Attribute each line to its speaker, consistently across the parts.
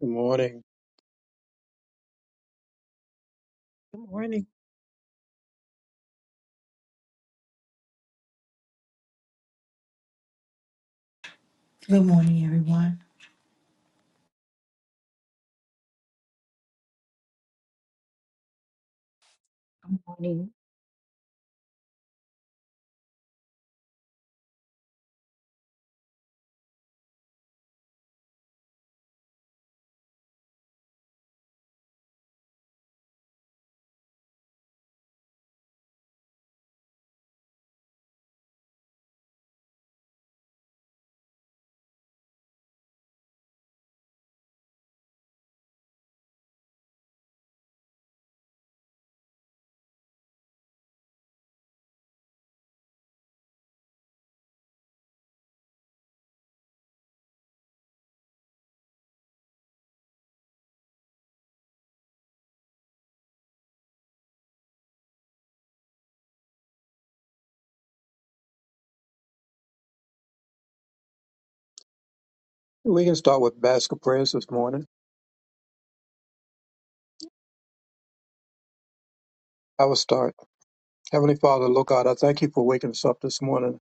Speaker 1: Good morning.
Speaker 2: Good morning.
Speaker 3: Good morning, everyone.
Speaker 4: Good morning.
Speaker 1: We can start with basket prayers this morning. I will start. Heavenly Father, Lord God, I thank you for waking us up this morning.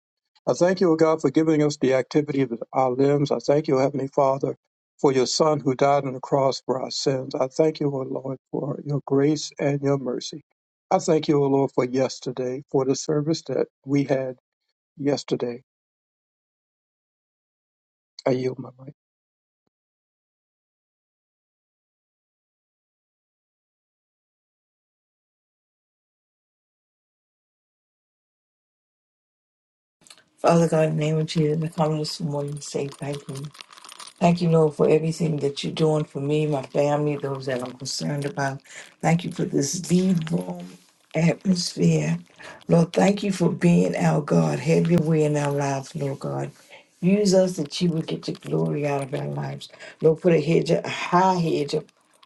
Speaker 1: I thank you, O God, for giving us the activity of our limbs. I thank you, Heavenly Father, for your Son who died on the cross for our sins. I thank you, O Lord, for your grace and your mercy. I thank you, O Lord, for yesterday, for the service that we had yesterday. I yield my mic.
Speaker 3: Father God, in the name of Jesus, I come this morning to say thank you. Thank you, Lord, for everything that you're doing for me, my family, those that I'm concerned about. Thank you for this lead room atmosphere. Lord, thank you for being our God. Have your way in our lives, Lord God. Use us that you would get your glory out of our lives. Lord, put a hedge, a high hedge of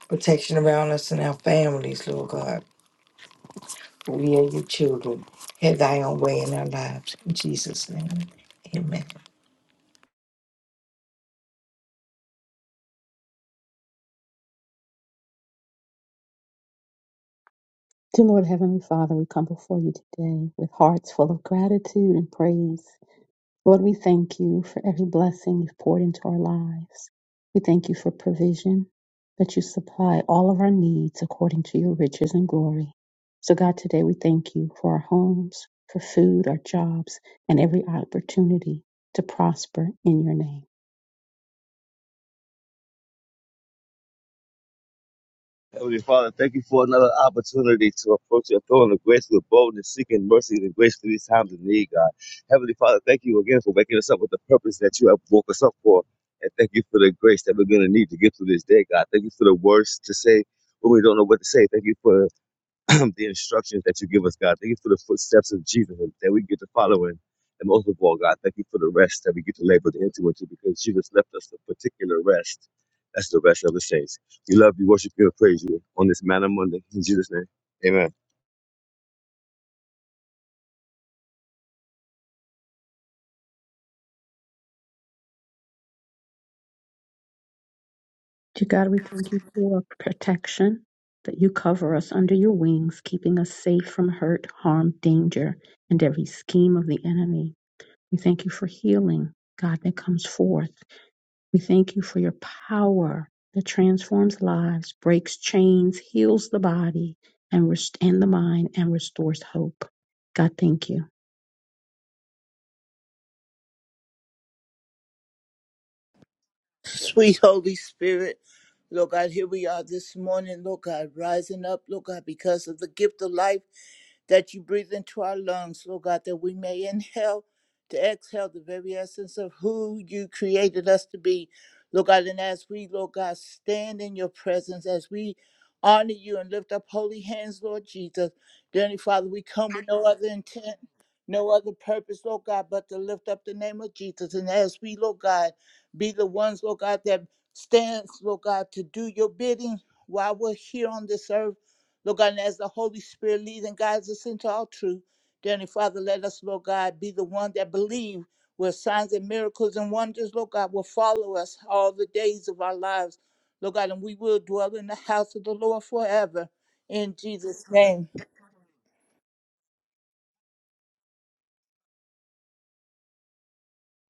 Speaker 3: protection around us and our families, Lord God. We are your children. Have thy own way in our lives. In Jesus' name. Amen.
Speaker 2: Dear Lord Heavenly Father, we come before you today with hearts full of gratitude and praise. Lord, we thank you for every blessing you've poured into our lives. We thank you for provision, that you supply all of our needs according to your riches and glory. So, God, today we thank you for our homes, for food, our jobs, and every opportunity to prosper in your name.
Speaker 5: Heavenly Father, thank you for another opportunity to approach your throne of grace with boldness, seeking mercy and grace through these times of need, God. Heavenly Father, thank you again for waking us up with the purpose that you have woke us up for. And thank you for the grace that we're going to need to get through this day, God. Thank you for the words to say when we don't know what to say. Thank you for the instructions that you give us, God. Thank you for the footsteps of Jesus that we get to follow in. And most of all, God, thank you for the rest that we get to labor the into into because Jesus left us a particular rest. That's the rest of the saints. We love you, worship you, and praise you on this Manna Monday. In Jesus' name, amen.
Speaker 2: Dear God, we thank you for protection, that you cover us under your wings, keeping us safe from hurt, harm, danger, and every scheme of the enemy. We thank you for healing, God, that comes forth. We thank you for your power that transforms lives, breaks chains, heals the body, and, rest- and the mind, and restores hope. God, thank you.
Speaker 6: Sweet Holy Spirit, Lord God, here we are this morning, Lord God, rising up, Lord God, because of the gift of life that you breathe into our lungs, Lord God, that we may inhale to exhale the very essence of who you created us to be, Lord God. And as we, Lord God, stand in your presence, as we honor you and lift up holy hands, Lord Jesus, dear Heavenly Father, we come with no other intent. No other purpose, Lord God, but to lift up the name of Jesus. And as we, Lord God, be the ones, Lord God, that stands, Lord God, to do your bidding while we're here on this earth. Lord God, and as the Holy Spirit leads and guides us into all truth, dear Heavenly Father, let us, Lord God, be the one that believe where signs and miracles and wonders, Lord God, will follow us all the days of our lives. Lord God, and we will dwell in the house of the Lord forever. In Jesus' name,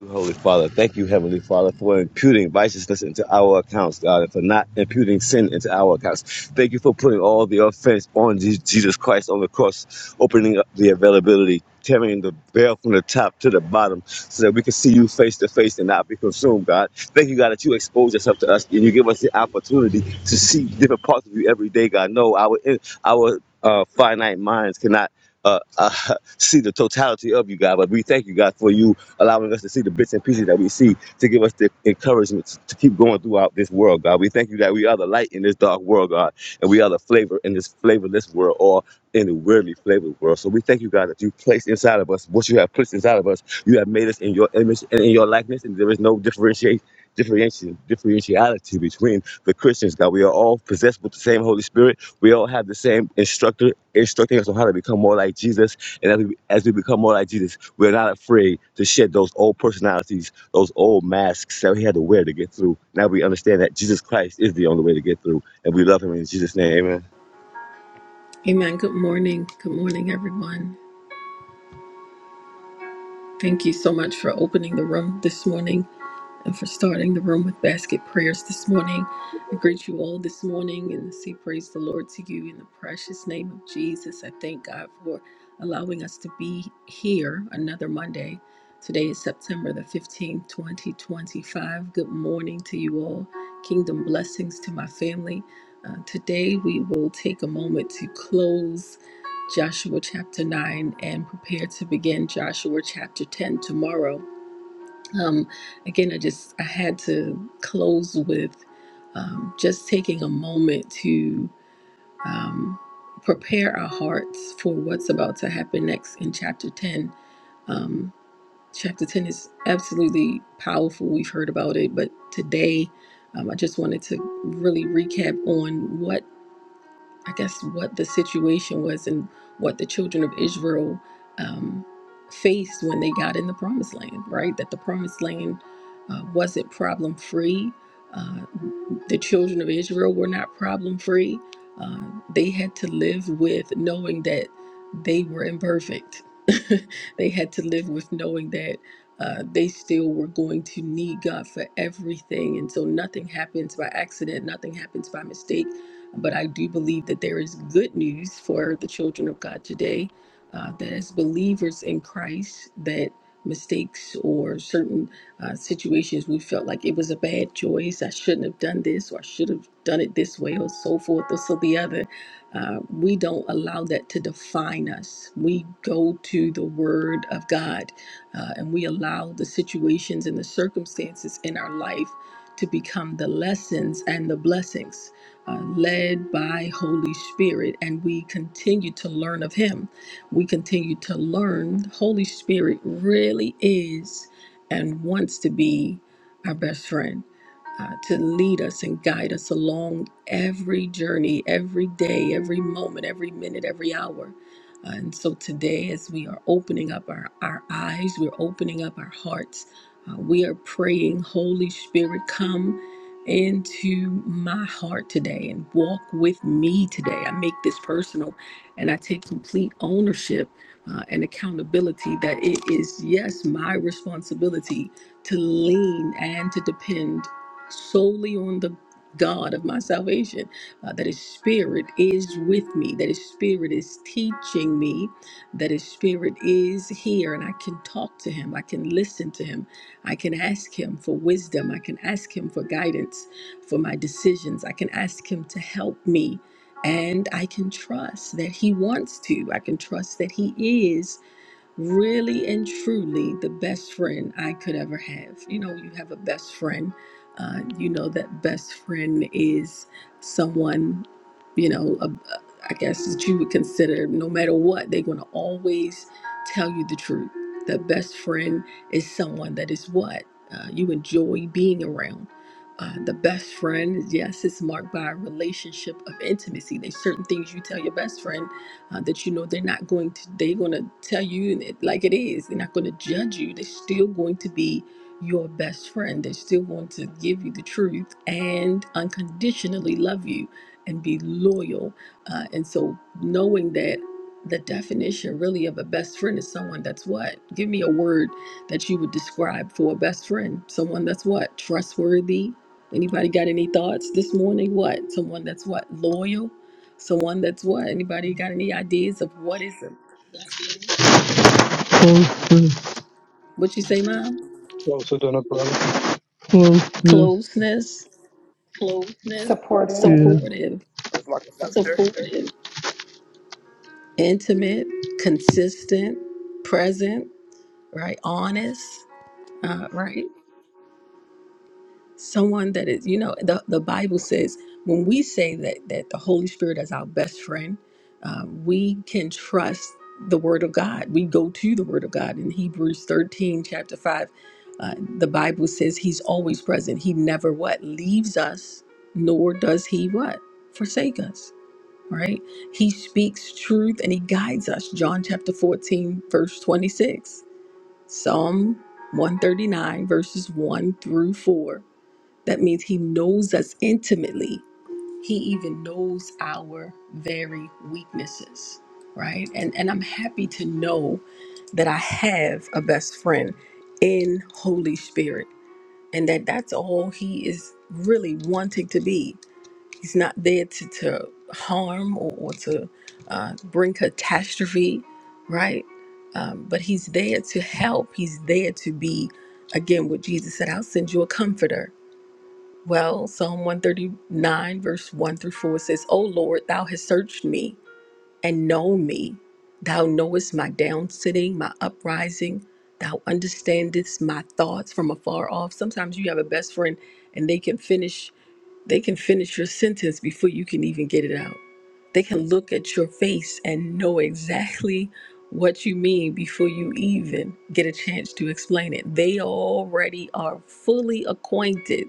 Speaker 5: Holy Father, thank you, Heavenly Father, for imputing righteousness into our accounts, God, and for not imputing sin into our accounts. Thank you for putting all the offense on Je- Jesus Christ on the cross, opening up the availability, tearing the veil from the top to the bottom, so that we can see you face to face and not be consumed, God. Thank you, God, that you expose yourself to us and you give us the opportunity to see different parts of you every day, God. No, our our uh, finite minds cannot. Uh, uh, see the totality of you, God, but we thank you, God, for you allowing us to see the bits and pieces that we see to give us the encouragement to to keep going throughout this world, God. We thank you that we are the light in this dark world, God, and we are the flavor in this flavorless world, or in a weirdly flavored world. So we thank you, God, that you placed inside of us what you have placed inside of us. You have made us in your image and in your likeness, and there is no differentiate. Differentiation, differentiality between the Christians, God. We are all possessed with the same Holy Spirit. We all have the same instructor instructing us on how to become more like Jesus. And as we, as we become more like Jesus, we're not afraid to shed those old personalities, those old masks that we had to wear to get through. Now we understand that Jesus Christ is the only way to get through, and we love Him in Jesus' name. Amen.
Speaker 7: Amen. Good morning. Good morning, everyone. Thank you so much for opening the room this morning and for starting the room with basket prayers this morning. I greet you all this morning and say praise the Lord to you in the precious name of Jesus. I thank God for allowing us to be here another Monday. Today is September the 15th, 2025. Good morning to you all. Kingdom blessings to my family. Uh, today we will take a moment to close Joshua chapter 9 and prepare to begin Joshua chapter 10 tomorrow. Um, again, I just I had to close with um, just taking a moment to um, prepare our hearts for what's about to happen next in chapter ten. Um, chapter ten is absolutely powerful. We've heard about it, but today um, I just wanted to really recap on what. I guess, what the situation was and what the children of Israel um, faced when they got in the promised land, right? That the promised land uh, wasn't problem free. Uh, the children of Israel were not problem free. Uh, they had to live with knowing that they were imperfect. they had to live with knowing that uh, they still were going to need God for everything. And so nothing happens by accident, nothing happens by mistake but I do believe that there is good news for the children of God today uh, that as believers in Christ, that mistakes or certain uh, situations we felt like it was a bad choice, I shouldn't have done this, or I should have done it this way, or so forth, or so the other. Uh, we don't allow that to define us. We go to the Word of God uh, and we allow the situations and the circumstances in our life to become the lessons and the blessings uh, led by Holy Spirit, and we continue to learn of Him. We continue to learn. Holy Spirit really is and wants to be our best friend. uh, to lead us and guide us along every journey, every day, every moment, every minute, every hour. Uh, and so today, as we are opening up our, our eyes, we're opening up our hearts, uh, we are praying, Holy Spirit, come into my heart today and walk with me today. I make this personal and I take complete ownership uh, and accountability that it is, yes, my responsibility to lean and to depend solely on the God of my salvation, uh, that His Spirit is with me, that His Spirit is teaching me, that His Spirit is here, and I can talk to Him, I can listen to Him. I can ask Him for wisdom. I can ask Him for guidance for my decisions. I can ask Him to help me. And I can trust that He wants to. I can trust that He is really and truly the best friend I could ever have. You know, you have a best friend. Uh, you know that best friend is someone, you know, a, a- I guess that you would consider no matter what, they're going to always tell you the truth. The best friend is someone that is what uh, you enjoy being around. Uh, the best friend, yes, it's marked by a relationship of intimacy. There's certain things you tell your best friend uh, that you know they're not going to they're going to tell you it like it is they're not going to judge you they're still going to be your best friend they're still going to give you the truth and unconditionally love you and be loyal uh, and so knowing that the definition really of a best friend is someone that's what give me a word that you would describe for a best friend someone that's what trustworthy anybody got any thoughts this morning what someone that's what loyal Someone that's what? Anybody got any ideas of what is a best friend?
Speaker 8: Closest,
Speaker 7: What you say, Mom?
Speaker 1: Closer than a brother.
Speaker 8: closest
Speaker 7: Closeness,
Speaker 9: supportive
Speaker 8: is
Speaker 7: supportive,
Speaker 10: It's like a sister.
Speaker 7: intimate, consistent, present, right? Honest, uh, right? someone that is you know the, the bible says when we say that that the holy spirit is our best friend um, we can trust the word of god we go to the word of god in hebrews 13 chapter 5 uh, the bible says he's always present he never what leaves us nor does he what forsake us right he speaks truth and he guides us john chapter 14 verse 26 psalm 139 verses 1 through 4 that means He knows us intimately. He even knows our very weaknesses, right? And and I'm happy to know that I have a best friend in Holy Spirit, and that that's all He is really wanting to be. He's not there to, to harm or, or to uh, bring catastrophe, right? Um, but He's there to help. He's there to be, again, what Jesus said. I'll send you a comforter well, Psalm 139, verse 1 through 4 says, O Lord, thou hast searched me and known me. Thou knowest my down sitting, my uprising. Thou understandest my thoughts from afar off. Sometimes you have a best friend and they can finish they can finish your sentence before you can even get it out. They can look at your face and know exactly what you mean before you even get a chance to explain it. They already are fully acquainted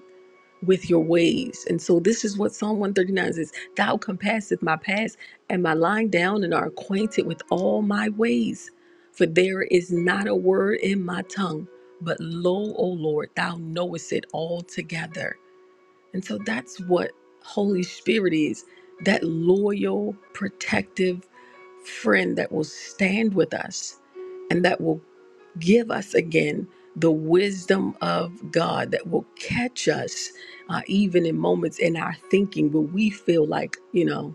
Speaker 7: with your ways. And so this is what Psalm 139 says, Thou compasseth my paths, and my lying down and are acquainted with all my ways. For there is not a word in my tongue, but lo, O Lord, thou knowest it altogether. And so that's what Holy Spirit is, that loyal, protective friend that will stand with us and that will give us again the wisdom of God that will catch us uh, even in moments in our thinking where we feel like, you know,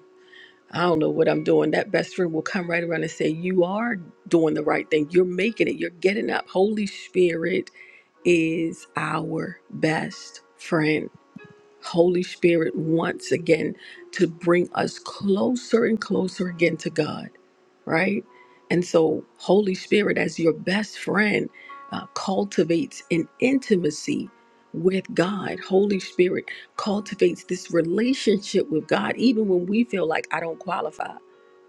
Speaker 7: I don't know what I'm doing. That best friend will come right around and say, You are doing the right thing. You're making it. You're getting up. Holy Spirit is our best friend. Holy Spirit once again to bring us closer and closer again to God, right? And so, Holy Spirit, as your best friend, uh, cultivates an intimacy with God. Holy Spirit cultivates this relationship with God, even when we feel like I don't qualify,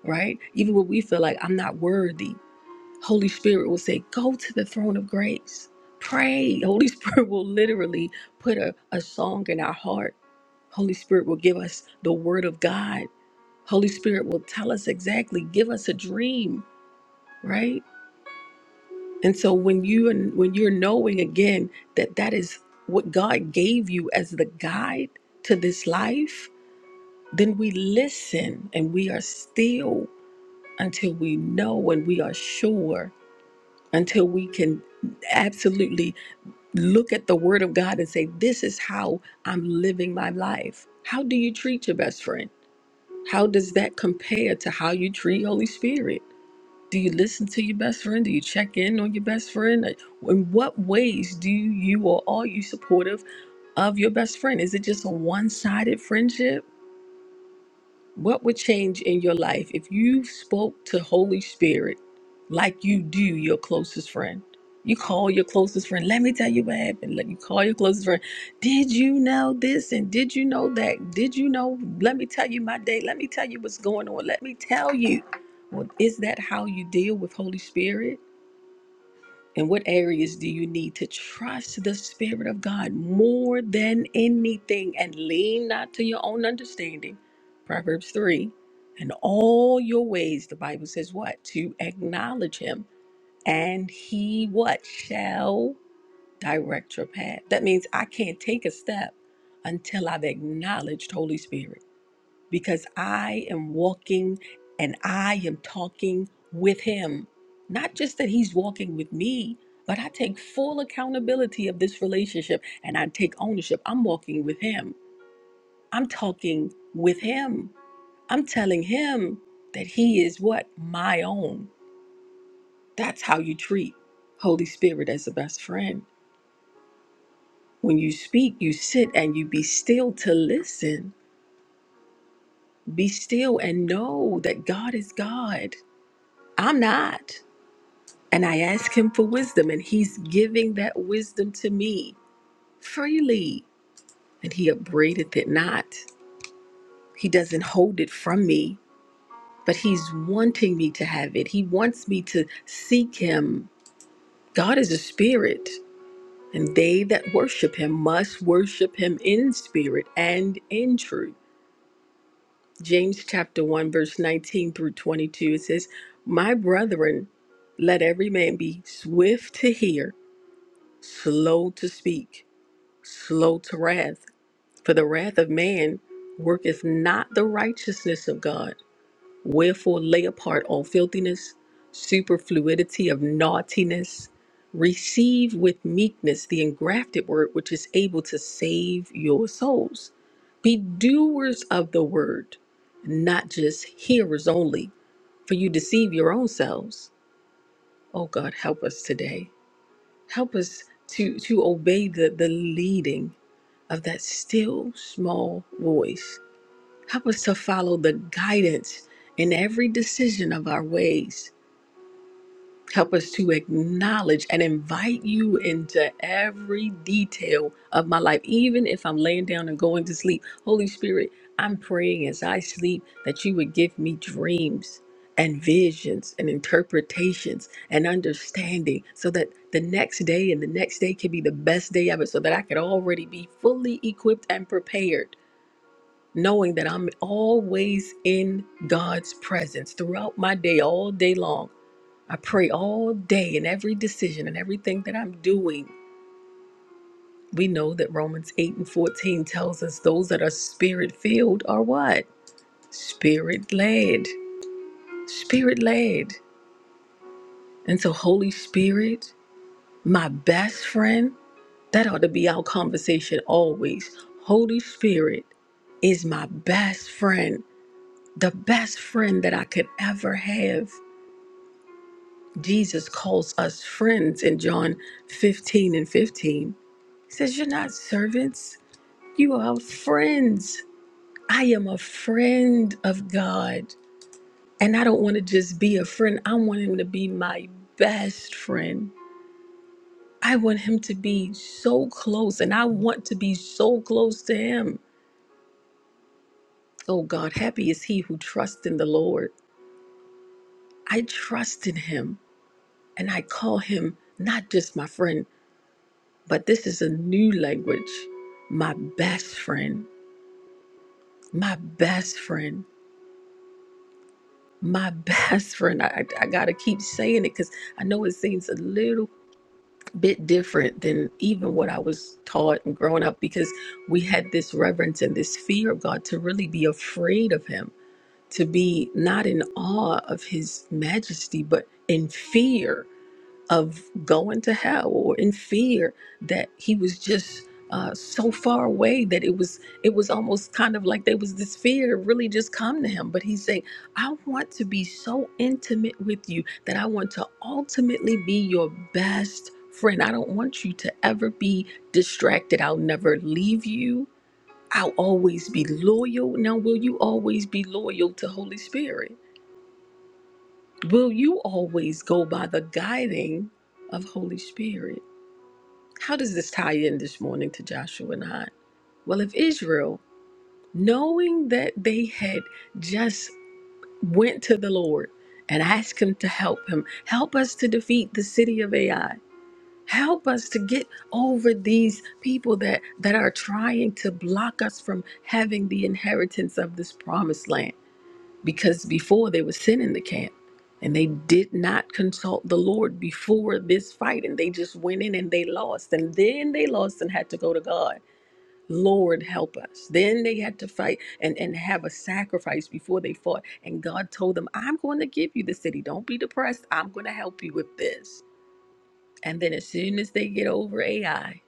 Speaker 7: right? Even when we feel like I'm not worthy. Holy Spirit will say, Go to the throne of grace. Pray. Holy Spirit will literally put a, a song in our heart. Holy Spirit will give us the word of God. Holy Spirit will tell us exactly, give us a dream, right? And so when you and when you're knowing again that that is what God gave you as the guide to this life, then we listen and we are still until we know and we are sure until we can absolutely look at the word of God and say, This is how I'm living my life. How do you treat your best friend? How does that compare to how you treat Holy Spirit? Do you listen to your best friend? Do you check in on your best friend? Like, In what ways do you or are you supportive of your best friend? Is it just a one sided friendship? What would change in your life if you spoke to Holy Spirit like you do your closest friend? You call your closest friend, let me tell you what happened. Let you call your closest friend. Did you know this and did you know that? Did you know? Let me tell you my day. Let me tell you what's going on. Let me tell you. Well, is that how you deal with Holy Spirit? And what areas do you need to trust the Spirit of God more than anything and lean not to your own understanding? Proverbs 3 In all your ways, the Bible says what? To acknowledge Him and He what? Shall direct your path. That means I can't take a step until I've acknowledged Holy Spirit because I am walking and I am talking with Him. Not just that He's walking with me, but I take full accountability of this relationship and I take ownership. I'm walking with Him. I'm talking with Him. I'm telling Him that He is what? My own. That's how you treat Holy Spirit as a best friend. When you speak, you sit and you be still to listen. Be still and know that God is God. I'm not. And I ask him for wisdom, and he's giving that wisdom to me freely. And he upbraideth it not. He doesn't hold it from me, but he's wanting me to have it. He wants me to seek him. God is a spirit, and they that worship him must worship him in spirit and in truth. James chapter 1, verse 19 through 22, it says, My brethren, let every man be swift to hear, slow to speak slow to wrath. For the wrath of man worketh not the righteousness of God. Wherefore lay apart all filthiness, superfluity of naughtiness. Receive with meekness the engrafted word which is able to save your souls. Be doers of the word, not just hearers only, for you deceive your own selves. Oh God, help us today. Help us to, to obey the, the leading of that still small voice. Help us to follow the guidance in every decision of our ways. Help us to acknowledge and invite you into every detail of my life, even if I'm laying down and going to sleep. Holy Spirit, I'm praying as I sleep that you would give me dreams and visions and interpretations and understanding so that the next day and the next day can be the best day ever, so that I could already be fully equipped and prepared. Knowing that I'm always in God's presence throughout my day, all day long I pray all day in every decision and everything that I'm doing. We know that Romans 8 and 14 tells us those that are spirit filled are what? Spirit led. Spirit led. And so, Holy Spirit, my best friend, that ought to be our conversation always. Holy Spirit is my best friend, the best friend that I could ever have. Jesus calls us friends in John 15 and 15. He says, You're not servants, you are friends. I am a friend of God. And I don't want to just be a friend, I want him to be my best friend. I want him to be so close, and I want to be so close to him. Oh God, happy is he who trusts in the Lord. I trust in him, and I call him not just my friend, but this is a new language my best friend, my best friend. my best friend. I, I got to keep saying it because I know it seems a little bit different than even what I was taught and growing up because we had this reverence and this fear of God to really be afraid of Him, to be not in awe of His majesty, but in fear of going to hell or in fear that he was just uh, so far away that it was it was almost kind of like there was this fear to really just come to him but he's saying i want to be so intimate with you that i want to ultimately be your best friend i don't want you to ever be distracted i'll never leave you i'll always be loyal now will you always be loyal to holy spirit will you always go by the guiding of holy spirit how does this tie in this morning to Joshua 9? Well, if Israel, knowing that they had just went to the Lord and asked him to help him, help us to defeat the city of Ai. Help us to get over these people that, that are trying to block us from having the inheritance of this promised land because before they were sin in the camp and they did not consult the Lord before this fight and they just went in and they lost and then they lost and had to go to God. Lord help us. Then they had to fight and, and have a sacrifice before they fought. And God told them, I'm going to give you the city. Don't be depressed. I'm going to help you with this. And then as soon as they get over AI,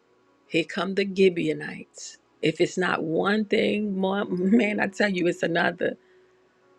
Speaker 7: here come the Gibeonites. If it's not one thing, ma- man, I tell you, it's another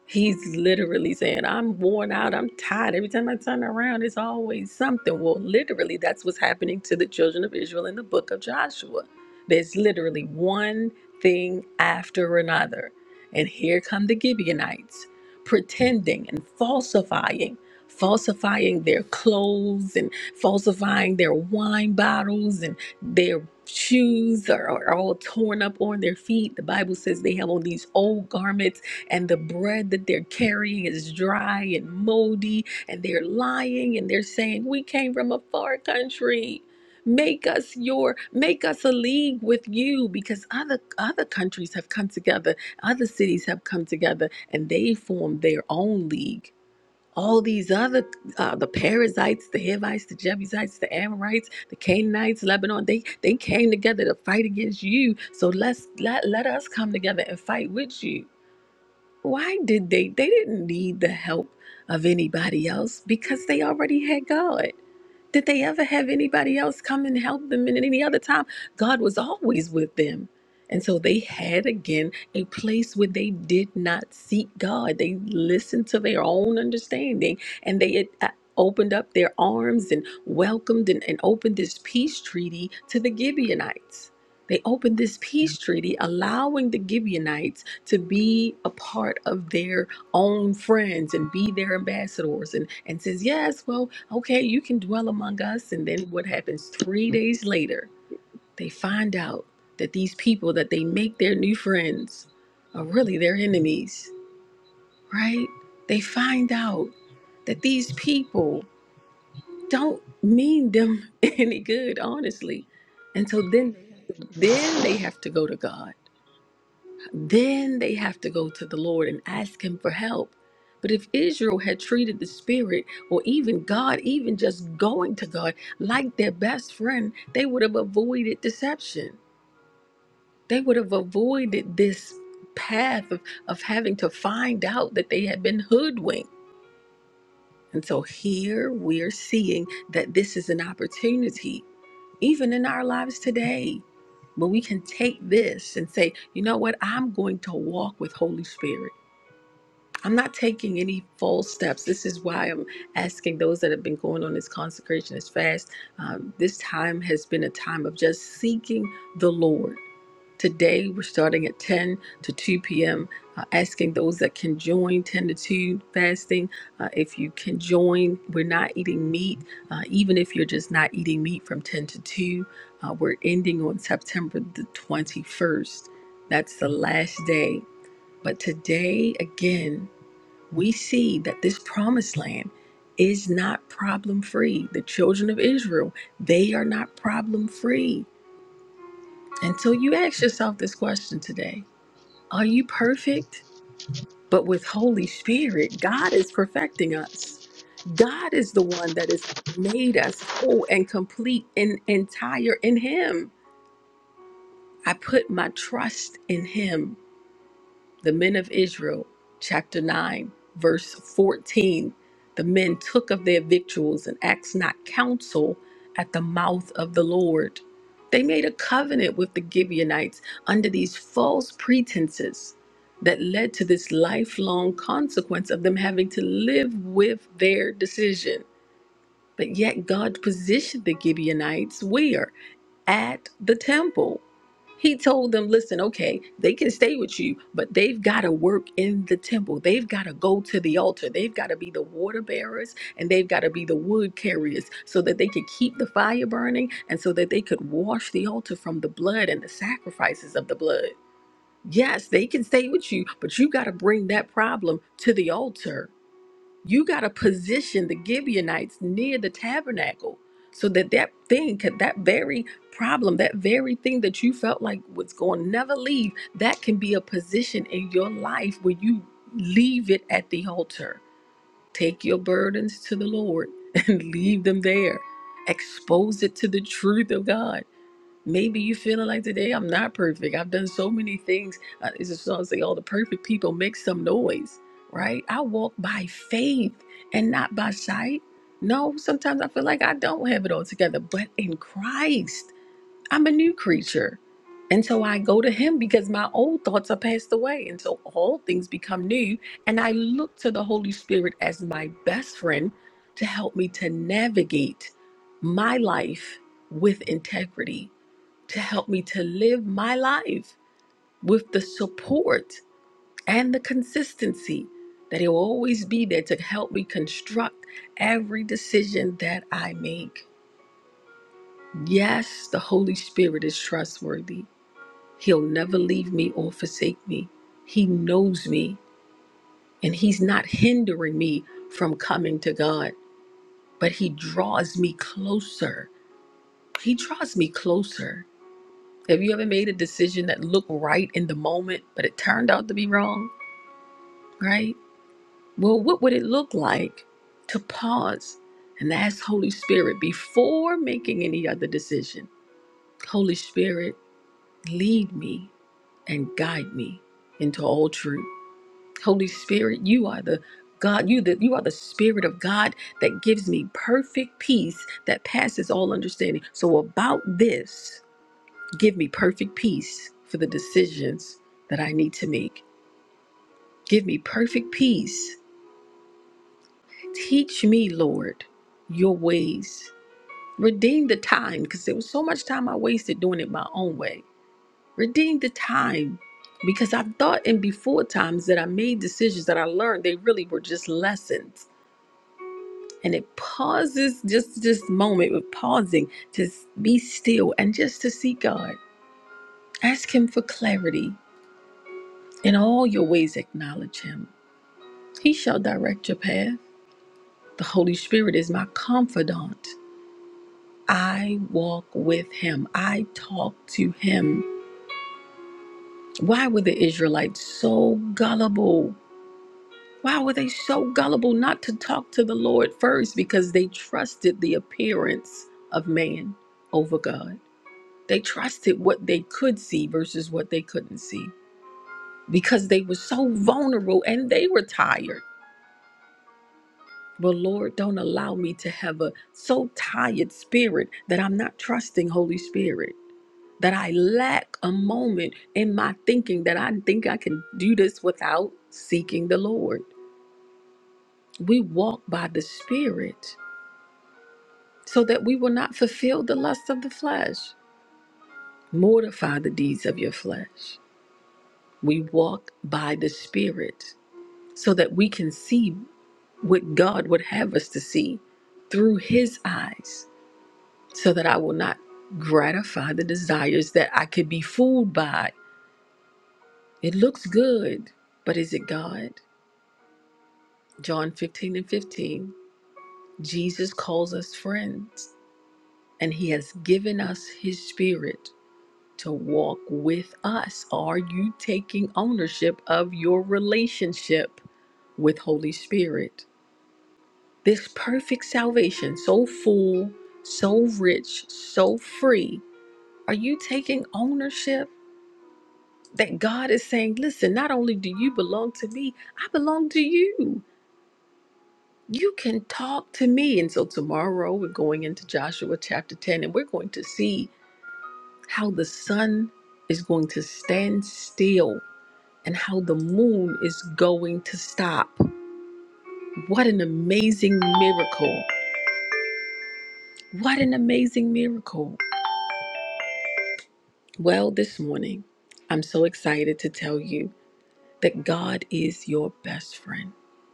Speaker 7: He's literally saying, I'm worn out, I'm tired. Every time I turn around, it's always something. Well, literally, that's what's happening to the children of Israel in the book of Joshua. There's literally one thing after another. And here come the Gibeonites pretending and falsifying, falsifying their clothes and falsifying their wine bottles and their shoes are, are all torn up on their feet. The Bible says they have on these old garments and the bread that they're carrying is dry and moldy, and they're lying and they're saying, We came from a far country. Make us your make us a league with you because other other countries have come together, other cities have come together, and they formed their own league. All these other uh, the Perizzites, the Hivites, the Jebusites, the Amorites, the Canaanites, Lebanon, they they came together to fight against you. So let's let let us come together and fight with you why did they they didn't need the help of anybody else because they already had god did they ever have anybody else come and help them in any other time god was always with them and so they had again a place where they did not seek god they listened to their own understanding and they uh, opened up their arms and welcomed and, and opened this peace treaty to the gibeonites they opened this peace treaty allowing the gibeonites to be a part of their own friends and be their ambassadors and, and says, Yes, well, okay, you can dwell among us. And then what happens three days later? They find out that these people that they make their new friends are really their enemies, right? They find out that these people don't mean them any good, honestly. And so then then they have to go to God then they have to go to the Lord and ask Him for help. But if Israel had treated the Spirit or even God, even just going to God like their best friend, they would have avoided deception. They would have avoided this path of, of having to find out that they had been hoodwinked. And so here we're seeing that this is an opportunity even in our lives today. But we can take this and say, you know what? I'm going to walk with Holy Spirit. I'm not taking any false steps. This is why I'm asking those that have been going on this consecration, this fast. Um, this time has been a time of just seeking the Lord. Today, we're starting at 10 to 2 p.m., uh, asking those that can join 10 to 2 fasting. Uh, if you can join, we're not eating meat. Uh, even if you're just not eating meat from 10 to 2, uh, we're ending on September the 21st. That's the last day. But today, again, we see that this promised land is not problem free. The children of Israel, they are not problem free. And so you ask yourself this question today Are you perfect? But with Holy Spirit, God is perfecting us. God is the one that has made us whole and complete and entire in Him. I put my trust in Him the men of Israel, chapter 9, verse 14. The men took of their victuals and asked not counsel at the mouth of the Lord. They made a covenant with the Gibeonites under these false pretenses that led to this lifelong consequence of them having to live with their decision. But yet, God positioned the Gibeonites where? at the temple. He told them, listen, okay, they can stay with you, but they've got to work in the temple. They've got to go to the altar. They've got to be the water bearers and they've got to be the wood carriers so that they could keep the fire burning and so that they could wash the altar from the blood and the sacrifices of the blood. Yes, they can stay with you, but you got to bring that problem to the altar you got to position the Gibeonites near the tabernacle so that that thing could that very problem that very thing that you felt like was going to never leave that can be a position in your life where you leave it at the altar take your burdens to the lord and leave them there expose it to the truth of god Maybe you feeling like today I'm not perfect. I've done so many things. Uh, it's a song say, "All the perfect people make some noise," right? I walk by faith and not by sight. No, sometimes I feel like I don't have it all together, but in Christ, I'm a new creature, and so I go to Him because my old thoughts are passed away, and so all things become new. And I look to the Holy Spirit as my best friend to help me to navigate my life with integrity to help me to live my life with the support and the consistency that He'll always be there to help me construct every decision that I make. Yes, the Holy Spirit is trustworthy. He'll never leave me or forsake me. He knows me and He's not hindering me from coming to God, but He draws me closer. He draws me closer. Have you ever made a decision that looked right in the moment, but it turned out to be wrong, right? Well, what would it look like to pause and ask Holy Spirit before making any other decision? Holy Spirit, lead me and guide me into all truth. Holy Spirit, you are the God, you that you are the spirit of God that gives me perfect peace that passes all understanding. So about this, Give me perfect peace for the decisions that I need to make. Give me perfect peace. Teach me, Lord, your ways. Redeem the time because there was so much time I wasted doing it my own way. Redeem the time because I thought in before times that I made decisions that I learned they really were just lessons. And it pauses just this moment with pausing to s- be still and just to see God. Ask Him for clarity. In all your ways, acknowledge Him He shall direct your path. The Holy Spirit is my confidant. I walk with him, I talk to him. Why were the Israelites so gullible? Why were they so gullible not to talk to the Lord first? Because they trusted the appearance of man over God. They trusted what they could see versus what they couldn't see because they were so vulnerable and they were tired. But Lord, don't allow me to have a so tired spirit that I'm not trusting Holy Spirit, that I lack a moment in my thinking that I think I can do this without seeking the Lord. We walk by the Spirit so that we will not fulfill the lusts of the flesh. Mortify the deeds of your flesh. We walk by the Spirit so that we can see what God would have us to see through His eyes so that I will not gratify the desires that I could be fooled by. It looks good, but is it God? John 15 and 15. Jesus calls us friends, and he has given us his spirit to walk with us. Are you taking ownership of your relationship with Holy Spirit? This perfect salvation, so full, so rich, so free. Are you taking ownership? that God is saying, listen, not only do you belong to me, I belong to you. You can talk to me. And so tomorrow we're going into Joshua chapter 10 and we're going to see how the sun is going to stand still and how the moon is going to stop. What an amazing miracle! What an amazing miracle. Well, this morning, I'm so excited to tell you. that God is your best friend.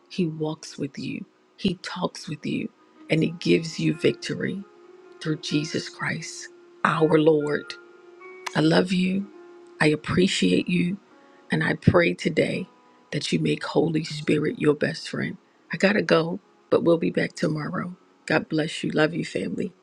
Speaker 7: He walks with you, He talks with you, and He gives you victory through Jesus Christ, our Lord. I love you. I appreciate you. And I pray today that you make Holy Spirit your best friend. I got to go, but we'll be back tomorrow. God bless you. Love you, family.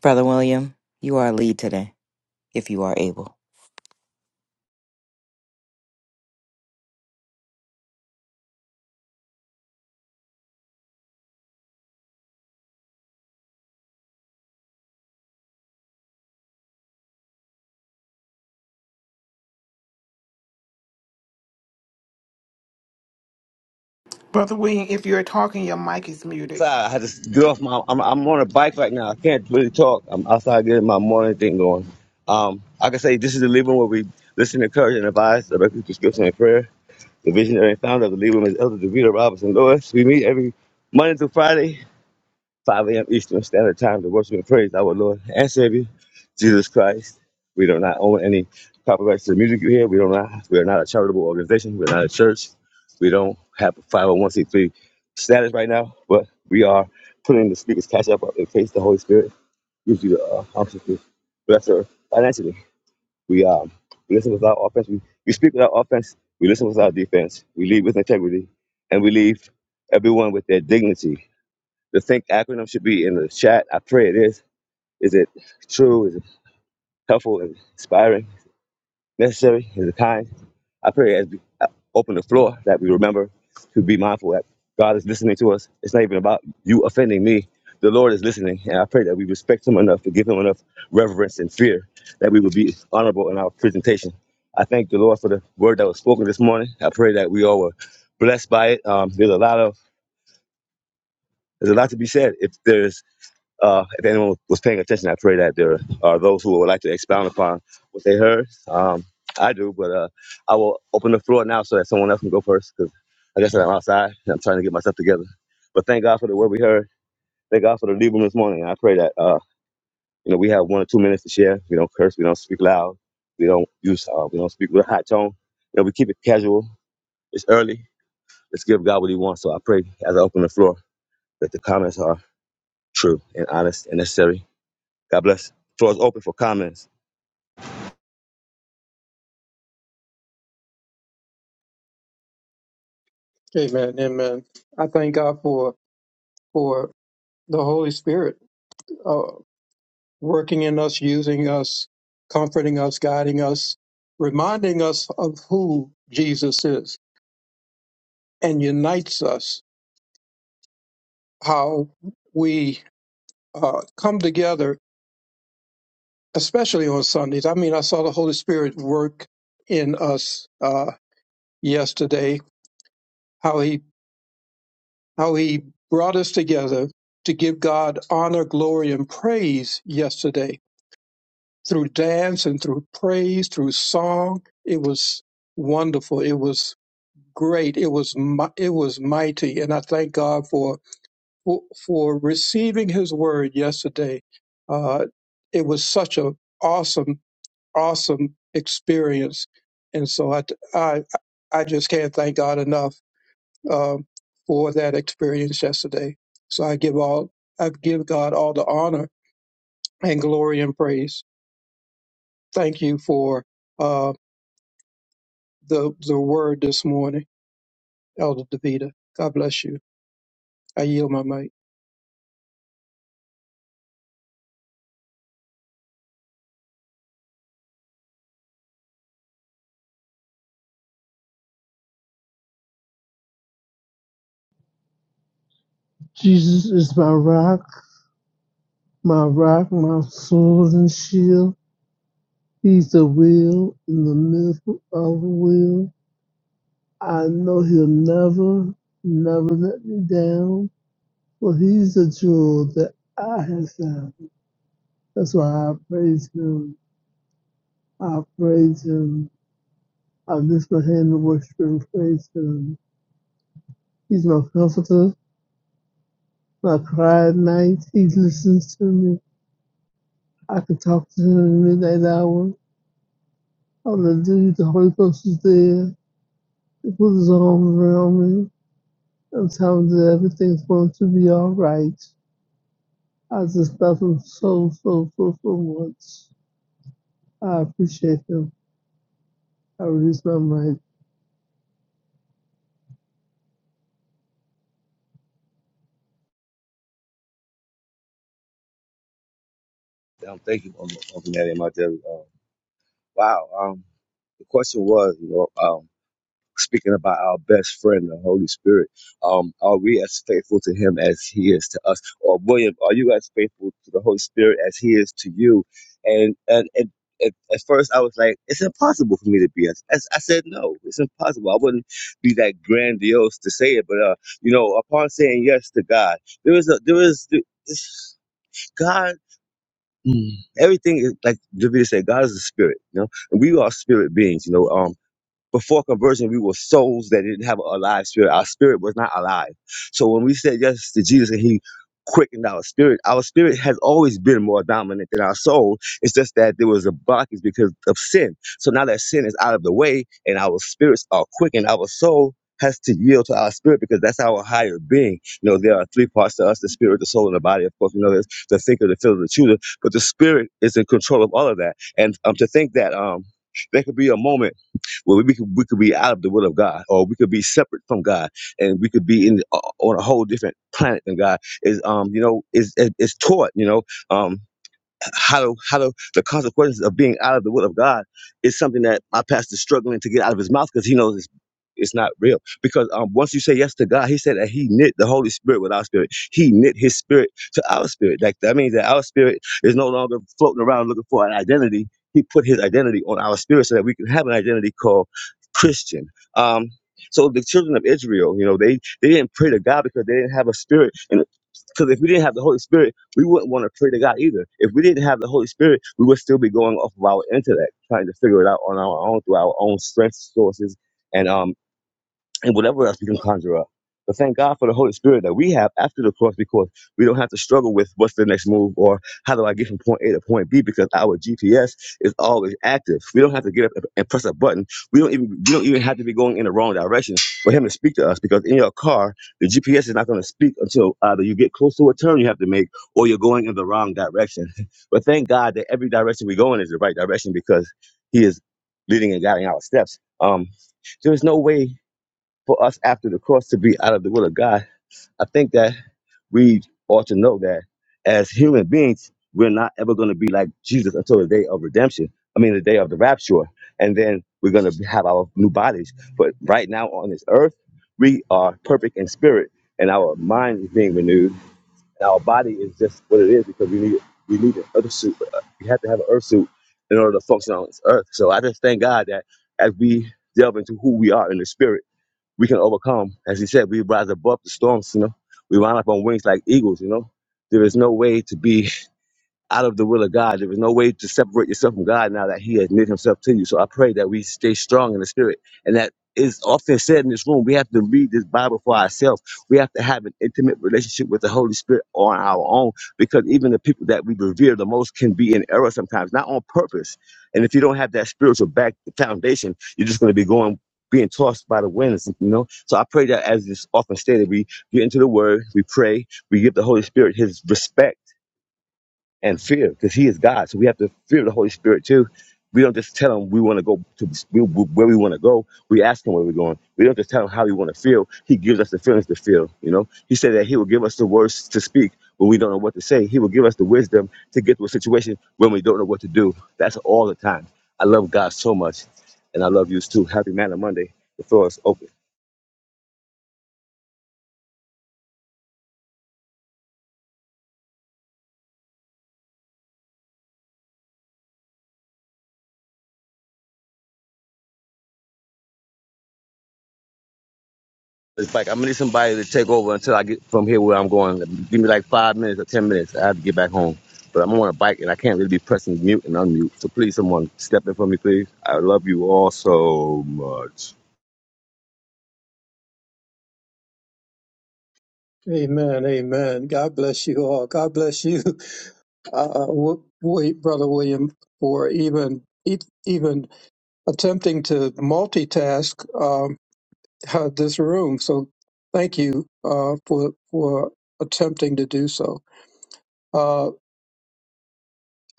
Speaker 11: Brother William, you are a lead today, if you are able.
Speaker 12: Brother William, if you're talking, your mic is muted.
Speaker 5: I had to get off my. I'm, I'm on a bike right now. I can't really talk. I'm outside getting my morning thing going. Um, like I can say this is the Libram where we listen, encourage, and advise directly through scripture and prayer. The visionary and founder of the Libram is Elder Davita Robinson Lewis. We meet every Monday through Friday 5 a.m. Eastern Standard Time to worship and praise our Lord and Savior, Jesus Christ. We do not own any copyrights to the music you hear. We do not. We are not a charitable organization. We're not a church. We don't have a 501c3 status right now, but we are putting the speaker's cash up in case the Holy Spirit gives you the uh, option to bless her financially. We um we listen with our offense. We, we speak with our offense. We listen with our defense. We lead with integrity, and we leave everyone with their dignity the think acronym should be in the chat. I pray it is. Is it true? Is it helpful? Is it inspiring? Necessary? Is it kind? I pray as we uh, open the floor that we remember to be mindful that God is listening to us. It's not even about you offending me. The Lord is listening, and I pray that we respect Him enough to give Him enough reverence and fear that we will be honorable in our presentation. I thank the Lord for the word that was spoken this morning. I pray that we all were blessed by it. Um, there's a lot of there's a lot to be said. If there's Uh, if anyone was paying attention, I pray that there are those who would like to expound upon what they heard. Um, I do, but uh, I will open the floor now so that someone else can go first because, like I said, I'm outside and I'm trying to get myself together. But thank God for the word we heard. Thank God for the lead room this morning. I pray that uh, you know we have one or two minutes to share. We don't curse. We don't speak loud. We don't use. Uh, we don't speak with a high tone. You know, we keep it casual. It's early. Let's give God what He wants. So I pray as I open the floor that the comments are true and honest and necessary God bless. Floor is open for comments.
Speaker 1: Amen. Amen. I thank God for for the Holy Spirit. uh, working in us, using us, comforting us, guiding us, reminding us of who Jesus is, and unites us. How we uh, come together, especially on Sundays. I mean, I saw the Holy Spirit work in us uh, yesterday. How he how he brought us together to give God honor, glory, and praise yesterday through dance and through praise, through song. It was wonderful. It was great. It was mi- it was mighty, and I thank God for for, for receiving His word yesterday. Uh, it was such a awesome awesome experience, and so I I I just can't thank God enough um, for that experience yesterday. So I give all I give God all the honor and glory and praise. Thank you for uh, the the word this morning, Elder Davida. God bless you. I yield my mic.
Speaker 8: Jesus is my rock, my rock, my sword and shield. He's the wheel in the middle of the wheel. I know he'll never, never let me down. For he's the jewel that I have found. That's why I praise him. I praise him. I lift my hand and worship and praise him. He's my comforter, my cry at night. He listens to me. I could talk to him in the midnight hour. I'm the dude, the Holy Ghost is there. He put his arm around me. I'm telling you that everything's going to be all right. I just love him so, so, so, so much. I appreciate him. I release my mind.
Speaker 5: Um, thank you, um, Uncle Natty and my dear. Uh, wow. Um, the question was, you know, um, speaking about our best friend, the Holy Spirit, um, are we as faithful to Him as He is to us? Or William, are you as faithful to the Holy Spirit as He is to you? And and and. At, at first, I was like, "It's impossible for me to be." As as- I said, "No, it's impossible." I wouldn't be that grandiose to say it, but uh, you know, upon saying yes to God, there is a there is this, God. Mm. Everything is like David said, God is a spirit, you know, and we are spirit beings, you know. Um, before conversion, we were souls that didn't have a alive spirit. Our spirit was not alive. So when we said yes to Jesus and He quickened our spirit, our spirit has always been more dominant than our soul. It's just that there was a blockage because of sin. So now that sin is out of the way and our spirits are quickened, our soul has to yield to our spirit because that's our higher being. You know, there are three parts to us the spirit, the soul, and the body. Of course, we know there's the thinker, the feeler, the chooser, but the spirit is in control of all of that. And um, to think that um, there could be a moment where we could, we could be out of the will of God, or we could be separate from God, and we could be in uh, on a whole different planet than God is. Um, you know, is is, is taught. You know, um, how to how to the consequences of being out of the will of God is something that my pastor's struggling to get out of his mouth because he knows it's it's not real. Because um, once you say yes to God, He said that He knit the Holy Spirit with our spirit. He knit His spirit to our spirit. Like that means that our spirit is no longer floating around looking for an identity. He put His identity on our spirit so that we can have an identity called Christian. Um, so the children of Israel, you know, they they didn't pray to God because they didn't have a spirit, and because if we didn't have the Holy Spirit we wouldn't want to pray to God either. If we didn't have the Holy Spirit, we would still be going off of our intellect, trying to figure it out on our own through our own strength sources. And um and whatever else we can conjure up. But thank God for the Holy Spirit that we have after the cross because we don't have to struggle with what's the next move or how do I get from point A to point B because our GPS is always active. We don't have to get up and press a button. We don't even we don't even have to be going in the wrong direction for him to speak to us because in your car, the GPS is not going to speak until either you get close to a turn you have to make or you're going in the wrong direction. But thank God that every direction we go in is the right direction because he is leading and guiding our steps. Um, there is no way for us after the cross to be out of the will of God, I think that we ought to know that as human beings, we're not ever going to be like Jesus until the day of redemption. I mean, the day of the rapture. And then we're going to have our new bodies. But right now on this earth, we are perfect in spirit and our mind is being renewed. And our body is just what it is because we need we need an earth suit. Uh, We have to have an earth suit in order to function on this earth. So I just thank God that as we delve into who we are in the spirit, we can overcome. As he said, we rise above the storms, you know. We line up on wings like eagles, you know. There is no way to be out of the will of God. There is no way to separate yourself from God now that He has knit Himself to you. So I pray that we stay strong in the Spirit. And that is often said in this room, we have to read this Bible for ourselves. We have to have an intimate relationship with the Holy Spirit on our own because even the people that we revere the most can be in error sometimes, not on purpose. And if you don't have that spiritual back foundation, you're just going to be going. Being tossed by the winds, you know. So I pray that, as is often stated, we get into the Word, we pray, we give the Holy Spirit His respect and fear because he is God. So we have to fear the Holy Spirit too. We don't just tell him we want to go to we- where we want to go. We ask him where we're going. We don't just tell him how we want to feel. He gives us the feelings to feel. You know, he said that he will give us the words to speak when we don't know what to say. He will give us the wisdom to get to a situation when we don't know what to do. That's all the time. I love God so much, and I love you too. Happy Man of Monday. The floor is open. It's like I'm gonna need somebody to take over until I get from here where I'm going. Give me like five minutes or ten minutes. I have to get back home. But I'm on a bike and I can't really be pressing mute and unmute. So please, someone step in for me, please. I love you all so much.
Speaker 1: Amen. Amen. God bless you all. God bless you, uh, w- wait, Brother William, for even e- even attempting to multitask um, this room. So thank you uh, for for attempting to do so. Uh,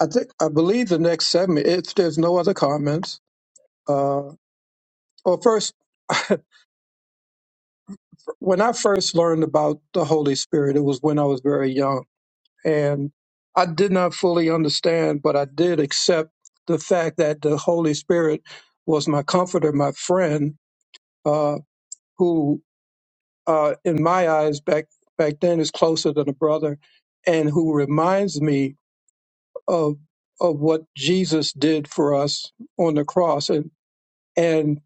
Speaker 1: I think I believe the next segment. If there's no other comments, uh, well, first, when I first learned about the Holy Spirit, it was when I was very young And I did not fully understand, but I did accept the fact that the Holy Spirit was my comforter, my friend, uh, who, uh, in my eyes back back then, is closer than a brother, and who reminds me of of what Jesus did for us on the cross. And and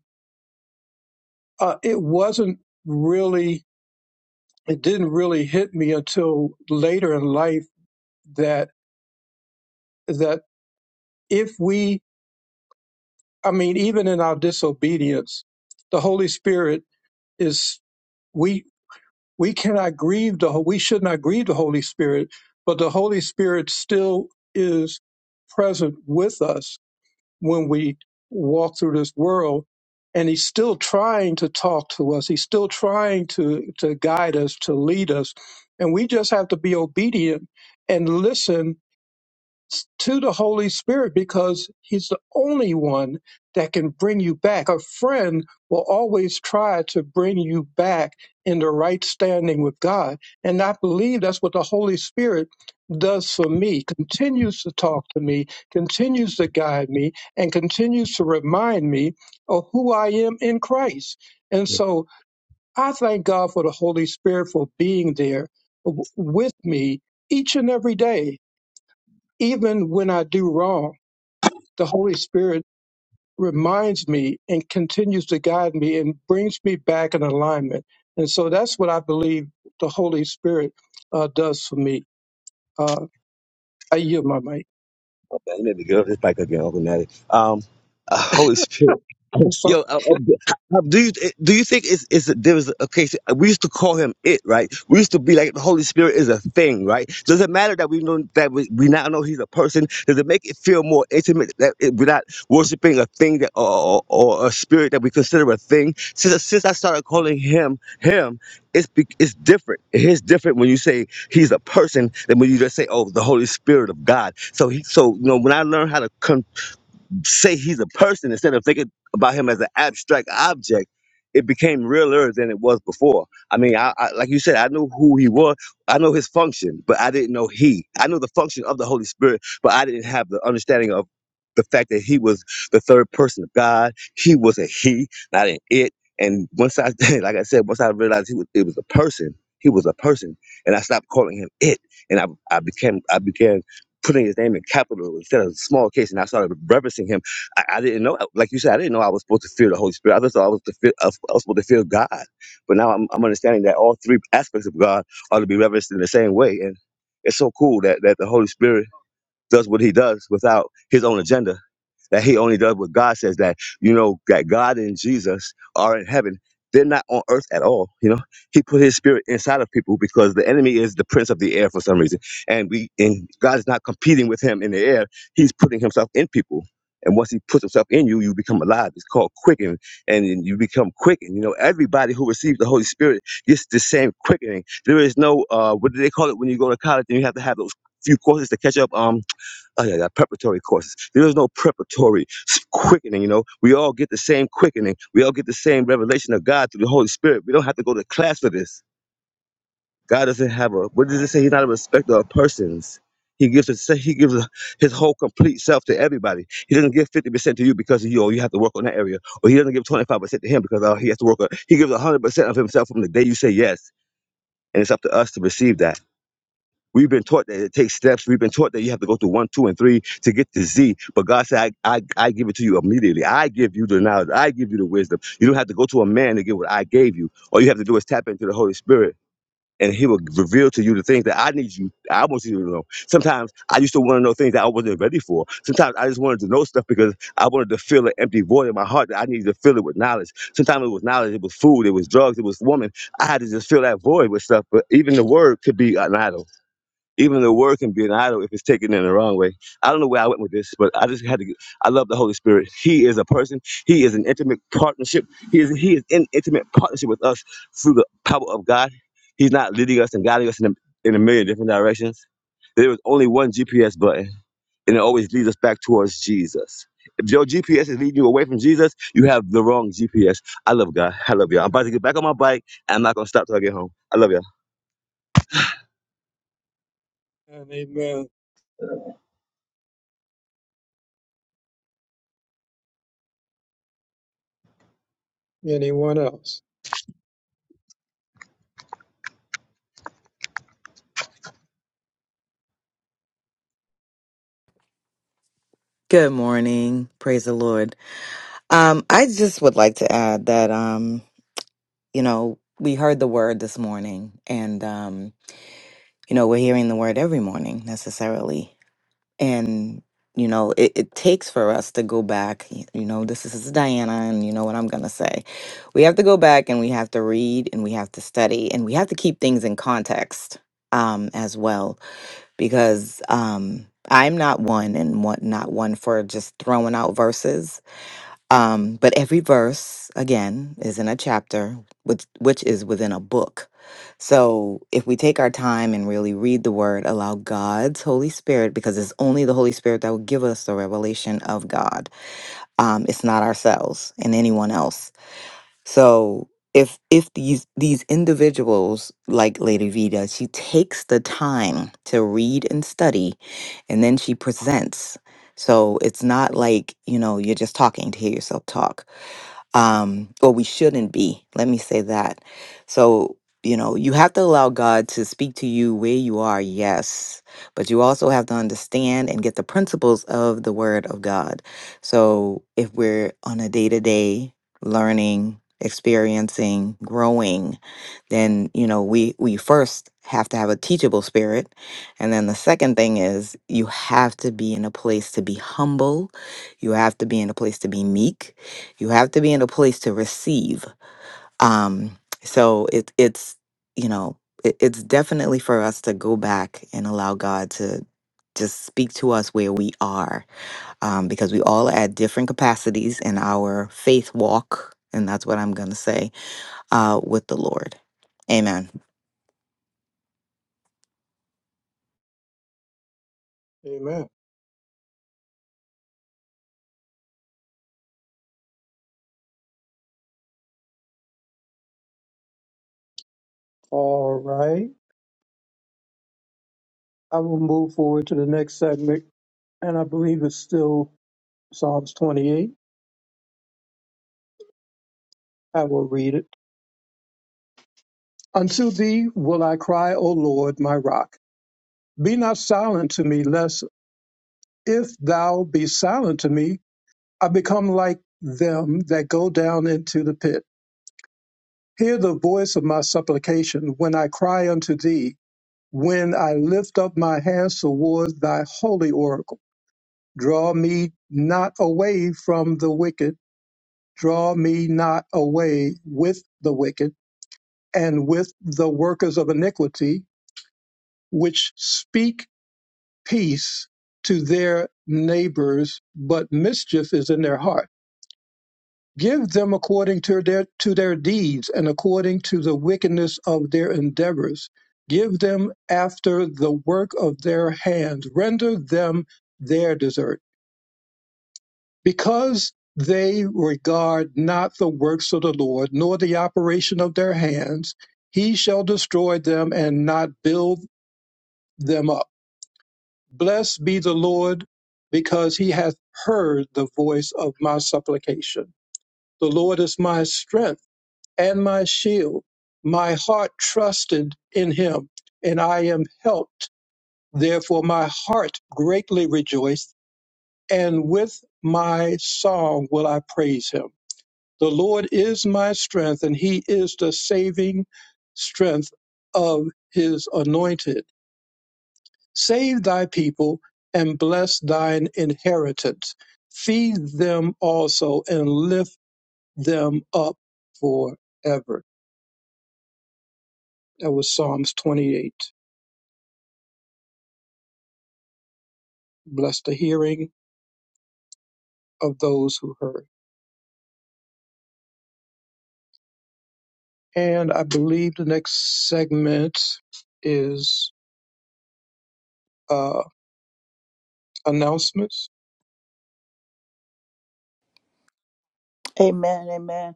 Speaker 1: uh, it wasn't really, it didn't really hit me until later in life that that if we I mean, even in our disobedience, the Holy Spirit is we we cannot grieve the we should not grieve the Holy Spirit, but the Holy Spirit still is present with us when we walk through this world, and He's still trying to talk to us. He's still trying to to guide us, to lead us, and we just have to be obedient and listen to the Holy Spirit because He's the only one that can bring you back. A friend will always try to bring you back in the right standing with God. And I believe that's what the Holy Spirit does for me, continues to talk to me, continues to guide me, and continues to remind me of who I am in Christ. And so I thank God for the Holy Spirit for being there w- with me each and every day even when I do wrong, the Holy Spirit reminds me and continues to guide me and brings me back in alignment. And so that's what I believe the Holy Spirit uh, does for me. Uh, I yield my mic.
Speaker 5: Okay, I need to get off this bike again, Uncle Natty. Um, uh, Holy Spirit.
Speaker 1: Yes, sir.
Speaker 5: Yo, uh, uh, b- uh, uh, do you uh, do you think it's it's there was a case? We used to call him it, right? We used to be like the Holy Spirit is a thing, right? Does it matter that we know that we, we now know he's a person? Does it make it feel more intimate that it, we're not worshiping a thing that or, or or a spirit that we consider a thing? Since since I started calling him him, it's be, it's different. It is different when you say he's a person than when you just say oh the Holy Spirit of God. So he so you know when I learned how to say he's a person instead of thinking about him as an abstract object it became realer than it was before i mean I, I like you said i knew who he was i know his function but i didn't know he i know the function of the holy spirit but i didn't have the understanding of the fact that he was the third person of god he was a he not an it and once i like i said once i realized he was it was a person he was a person and i stopped calling him it and i, I became i became putting his name in capital instead of small case, and I started reverencing him. I, I didn't know, like you said, I didn't know I was supposed to fear the Holy Spirit. I just thought I was, to fear, I was I was supposed to fear God. But now I'm, I'm understanding that all three aspects of God ought to be reverenced in the same way. And it's so cool that, that the Holy Spirit does what he does without his own agenda, that he only does what God says, that, you know, that God and Jesus are in heaven. They're not on earth at all. You know, he put his spirit inside of people because the enemy is the prince of the air for some reason. And we, and God is not competing with him in the air. He's putting himself in people. And once he puts himself in you, you become alive. It's called quickened, and you become quickened. You know, everybody who receives the Holy Spirit gets the same quickening. There is no, uh, what do they call it when you go to college and you have to have those few courses to catch up? Um, oh yeah, yeah, preparatory courses. There is no preparatory s- quickening. You know, we all get the same quickening. We all get the same revelation of God through the Holy Spirit. We don't have to go to class for this. God doesn't have a. What does it say? He's not a respecter of persons. He gives us. He gives his whole complete self to everybody. He doesn't give fifty percent to you because you oh, you have to work on that area, or he doesn't give twenty five percent to him because oh, he has to work on. He gives hundred percent of himself from the day you say yes, and it's up to us to receive that. We've been taught that it takes steps. We've been taught that you have to go through one, two, and three to get to Z. But God said, I, I, I give it to you immediately. I give you the knowledge. I give you the wisdom. You don't have to go to a man to get what I gave you. All you have to do is tap into the Holy Spirit. And he will reveal to you the things that I need you. I want you to know. Sometimes I used to want to know things that I wasn't ready for. Sometimes I just wanted to know stuff because I wanted to fill an empty void in my heart that I needed to fill it with knowledge. Sometimes it was knowledge, it was food, it was drugs, it was woman. I had to just fill that void with stuff. But even the word could be an idol even the word can be an idol if it's taken in the wrong way. I don't know where I went with this, but I just had to. get- I love the Holy Spirit. He is a person. He is an intimate partnership. He is he is in intimate partnership with us through the power of God. He's not leading us and guiding us in a, in a million different directions. There is only one GPS button, and it always leads us back towards Jesus. If your GPS is leading you away from Jesus, you have the wrong GPS. I love God. I love y'all. I'm about to get back on my bike, and I'm not gonna stop till I get home. I love y'all.
Speaker 1: And amen. Anyone else?
Speaker 11: Good morning. Praise the Lord. Um, I just would like to add that, um, you know, we heard the word this morning, and, um, you know, we're hearing the word every morning necessarily. And, you know, it, it takes for us to go back. y- You know, this is this is Diana, and you know what I'm going to say. We have to go back and we have to read and we have to study and we have to keep things in context um, as well because um I'm not one and what not one for just throwing out verses. Um, but every verse again is in a chapter, which which is within a book. So if we take our time and really read the word, allow God's Holy Spirit, because it's only the Holy Spirit that will give us the revelation of God. Um, it's not ourselves and anyone else. So if if these these individuals like Lady Vita, she takes the time to read and study and then she presents. So it's not like, you know, you're just talking to hear yourself talk um, or we shouldn't be. Let me say that. So, you know, you have to allow God to speak to you where you are, yes, but you also have to understand and get the principles of the Word of God. So, if we're on a day to day learning, experiencing, growing, then, you know, we, we first have to have a teachable spirit. And then the second thing is you have to be in a place to be humble. You have to be in a place to be meek you have to be in a place to receive. Um, so it, it's, you know, it, it's definitely for us to go back and allow God to just speak to us where we are um, because we all are at different capacities in our faith walk. And that's what I'm going to say uh, with the Lord. Amen.
Speaker 1: Amen. All right. I will move forward to the next segment, and I believe it's still Psalms 28. I will read it. Unto thee will I cry, O Lord, my rock. Be not silent to me, lest If thou be silent to me, I become like them that go down into the pit. Hear the voice of my supplication when I cry unto thee, when I lift up my hands toward thy holy oracle. Draw me not away from the wicked, draw me not away with the wicked, and with the workers of iniquity, which speak peace to their neighbors, but mischief is in their heart Give them according to their to their deeds and according to the wickedness of their endeavors. Give them after the work of their hands. Render them their desert, because they regard not the works of the Lord, nor the operation of their hands. He shall destroy them and not build them up. Blessed be the Lord, because he hath heard the voice of my supplication. The Lord is my strength and my shield. My heart trusted in him, and I am helped. Therefore, my heart greatly rejoiced, and with my song will I praise him. The Lord is my strength, and he is the saving strength of his anointed. Save thy people and bless thine inheritance. Feed them also and lift them up forever. That was Psalms 28. Bless the hearing of those who heard. And I believe the next segment is uh, announcements.
Speaker 6: amen, amen.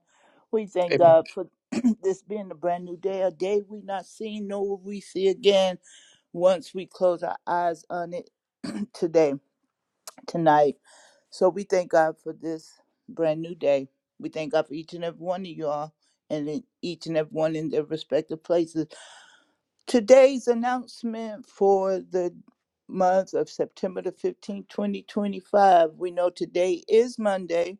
Speaker 6: We thank
Speaker 1: Amen.
Speaker 6: God for this being a brand new day, a day we not seen nor will we see again. once we close our eyes on it today, tonight. So we thank God for this brand new day. We thank God for each and every one of you all and in each and every one in their respective places. Today's announcement for the month of September the 15th, 2025. We know today is Monday,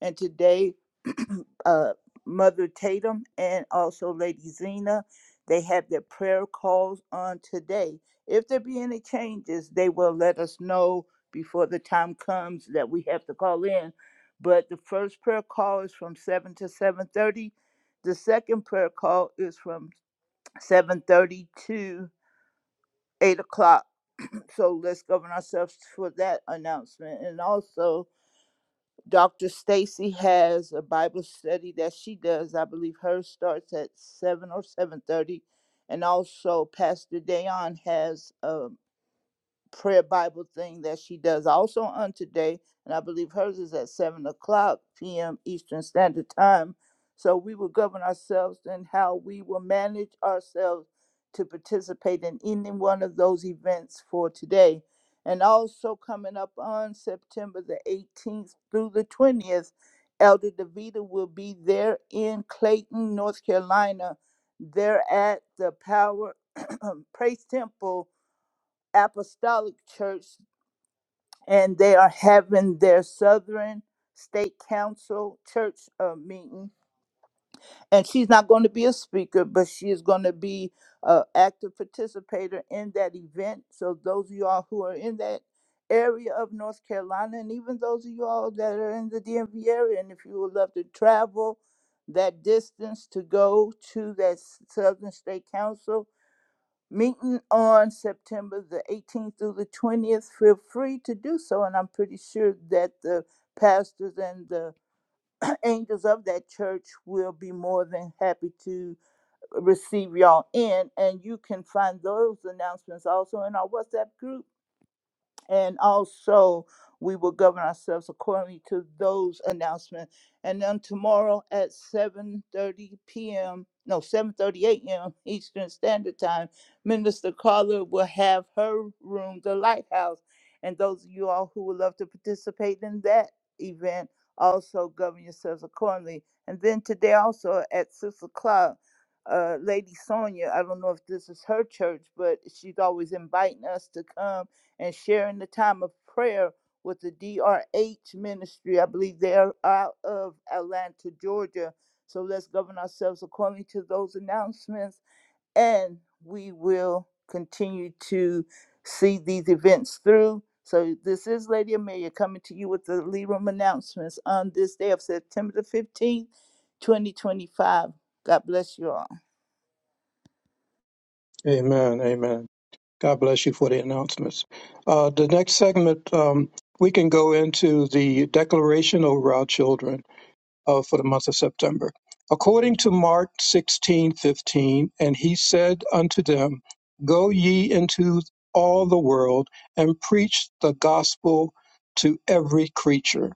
Speaker 6: and today, uh, Mother Tatum and also Lady Zena, they have their prayer calls on today. If there be any changes, they will let us know before the time comes that we have to call in. But the first prayer call is from 7 to 7:30. The second prayer call is from seven thirty to eight o'clock. So let's govern ourselves for that announcement. And also, Dr. Stacy has a Bible study that she does. I believe hers starts at seven or seven thirty. And also, Pastor Dayon has a prayer Bible thing that she does also on today. And I believe hers is at 7 o'clock p.m. Eastern Standard Time. So we will govern ourselves and how we will manage ourselves to participate in any one of those events for today. And also coming up on September the 18th through the 20th, Elder DeVita will be there in Clayton, North Carolina. They're at the Power Praise Temple Apostolic Church, and they are having their Southern State Council Church uh, meeting. And she's not going to be a speaker, but she is going to be an active participator in that event. So those of you all who are in that area of North Carolina, and even those of you all that are in the DMV area, and if you would love to travel that distance to go to that Southern State Council, Meeting on September the 18th through the 20th, feel free to do so. And I'm pretty sure that the pastors and the angels of that church will be more than happy to receive y'all in. And you can find those announcements also in our WhatsApp group and also we will govern ourselves accordingly to those announcements. And then tomorrow at 7:30 p.m. No, seven thirty-eight a.m. Eastern Standard Time, Minister Carla will have her room, the Lighthouse, and those of you all who would love to participate in that event also govern yourselves accordingly. And then today also at six o'clock. Uh, Lady Sonia, I don't know if this is her church, but she's always inviting us to come and sharing the time of prayer with the DRH ministry. I believe they are out of Atlanta, Georgia. So let's govern ourselves according to those announcements, and we will continue to see these events through. So this is Lady Amelia coming to you with the lead Room announcements on this day of September the 15th, 2025. God bless you all.
Speaker 1: Amen. Amen. God bless you for the announcements. Uh, the next segment, um, we can go into the declaration over our children. uh, for the month of September. According to Mark sixteen fifteen, and he said unto them, Go ye into all the world and preach the gospel to every creature.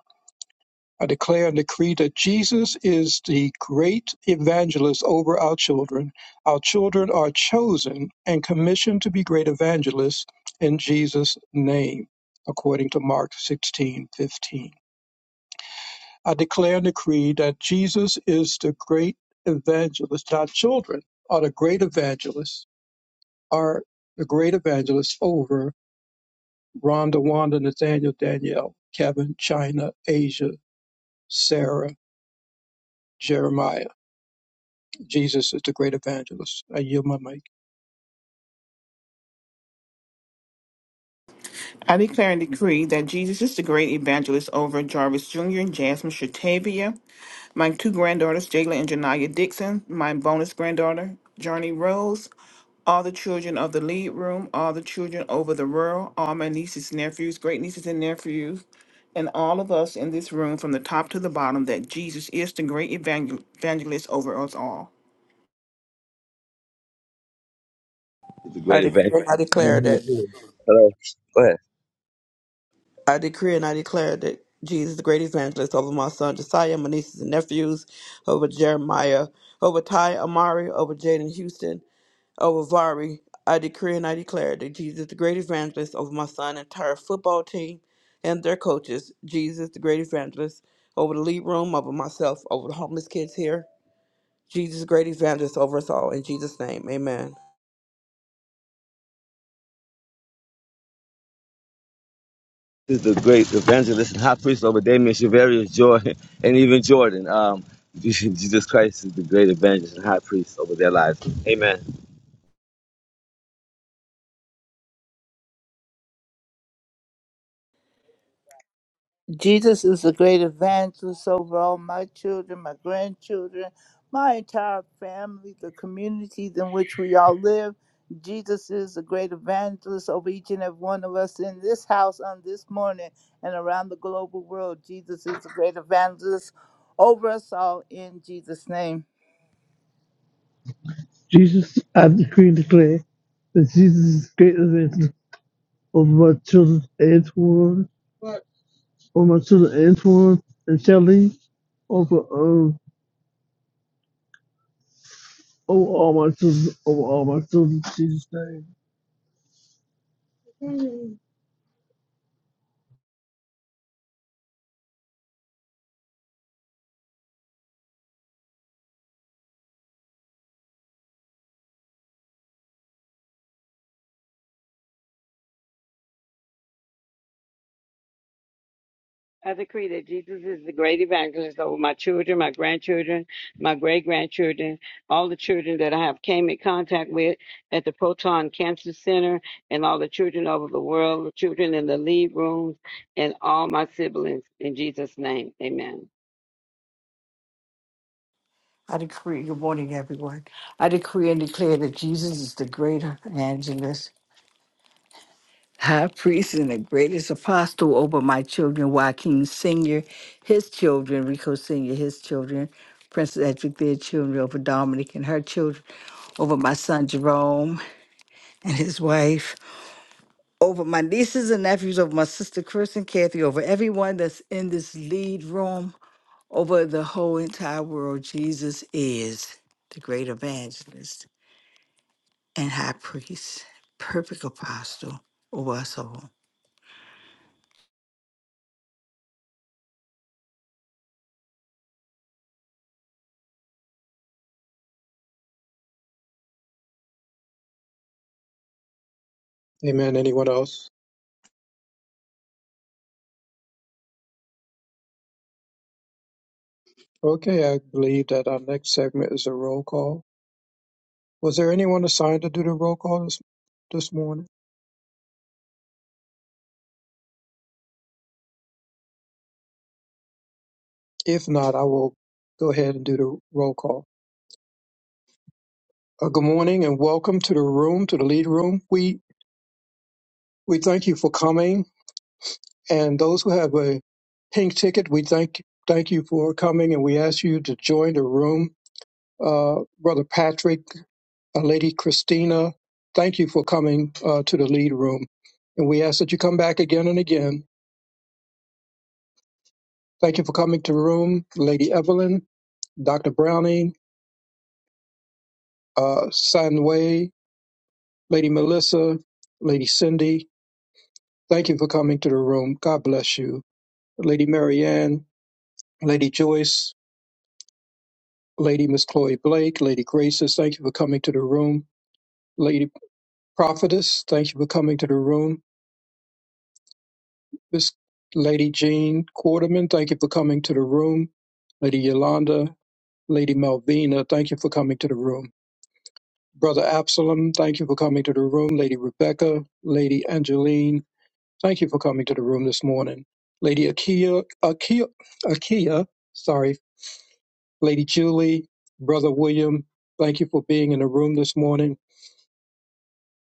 Speaker 1: I declare and decree that Jesus is the great evangelist over our children. Our children are chosen and commissioned to be great evangelists in Jesus' name, according to Mark sixteen fifteen. I declare and decree that Jesus is the great evangelist. Our children are the great evangelists, are the great evangelists over Rhonda, Wanda, Nathaniel, Danielle, Kevin, China, Asia, Sarah, Jeremiah. Jesus is the great evangelist. I yield my mic.
Speaker 12: I declare and decree that Jesus is the great evangelist over Jarvis Jr. and Jasmine Shatavia, my two granddaughters, Jayla and Janaya Dixon, my bonus granddaughter, Journey Rose, all the children of the lead room, all the children over the rural, all my nieces, nephews, great nieces and nephews, and all of us in this room from the top to the bottom that Jesus is the great evangel- evangelist over us all.
Speaker 5: This is the great
Speaker 10: And I declare that
Speaker 5: evangelist.
Speaker 10: Mhm.
Speaker 5: Hello. Go ahead.
Speaker 10: I decree and I declare that Jesus, the great evangelist, over my son Josiah, my nieces and nephews, over Jeremiah, over Ty Amari, over Jaden Houston, over Vari. I decree and I declare that Jesus, the great evangelist, over my son entire football team and their coaches, Jesus, the great evangelist, over the lead room, over myself, over the homeless kids here, Jesus' great evangelist over us all. In Jesus' name, amen.
Speaker 5: This is the great evangelist and high priest over Damien Shavarius, Jordan, and even Jordan. Um, Jesus Christ is the great evangelist and high priest over their lives. Amen.
Speaker 6: Jesus is a great evangelist over all my children, my grandchildren, my entire family, the communities in which we all live. Jesus is a great evangelist over each and every one of us in this house on this morning and around the global world. Jesus is a great evangelist over us all in Jesus' name.
Speaker 8: Jesus, I decree and declare that Jesus is greater than over my children and Antoine, over my children Antoine and Shelley, over, um, over all my children, over all my children, in Jesus' name.
Speaker 13: I decree that Jesus is the great evangelist over my children, my grandchildren, my great grandchildren, all the children that I have came in contact with at the Proton Cancer Center, and all the children over the world, the children in the lead rooms, and all my siblings. In Jesus' name, amen.
Speaker 3: I decree, good morning, everyone. I decree and declare that Jesus is the greater evangelist, high priest, and the greatest apostle over my children, Joaquin Sr., his children, Rico Sr., his children, Princess Edric, their children, over Dominic and her children, over my son Jerome and his wife, over my nieces and nephews, over my sister Chris and Kathy, over everyone that's in this lead room. Over the whole entire world, Jesus is the great evangelist and high priest, perfect apostle over us all.
Speaker 1: Amen. Anyone else? Okay, I believe that our next segment is a roll call. Was there anyone assigned to do the roll call this, this morning? If not, I will go ahead and do the roll call. Uh, good morning and welcome to the room, to the lead room. We we thank you for coming, and those who have a pink ticket, we thank thank you for coming, and we ask you to join the room. Uh, Brother Patrick, uh, Lady Christina, thank you for coming uh, to the lead room, and we ask that you come back again and again. Thank you for coming to the room, Lady Evelyn, Doctor Browning, uh, San Lady Melissa, Lady Cindy. Thank you for coming to the room. God bless you. Lady Marianne, Lady Joyce, Lady Miss Chloe Blake, Lady Graces, thank you for coming to the room. Lady Prophetess, thank you for coming to the room. Miss Lady Jean Quarterman, thank you for coming to the room. Lady Yolanda, Lady Malvina, thank you for coming to the room. Brother Absalom, thank you for coming to the room. Lady Rebecca, Lady Angeline, thank you for coming to the room this morning. Lady Akia, Akia, Akia, sorry Lady Julie, Brother William, thank you for being in the room this morning.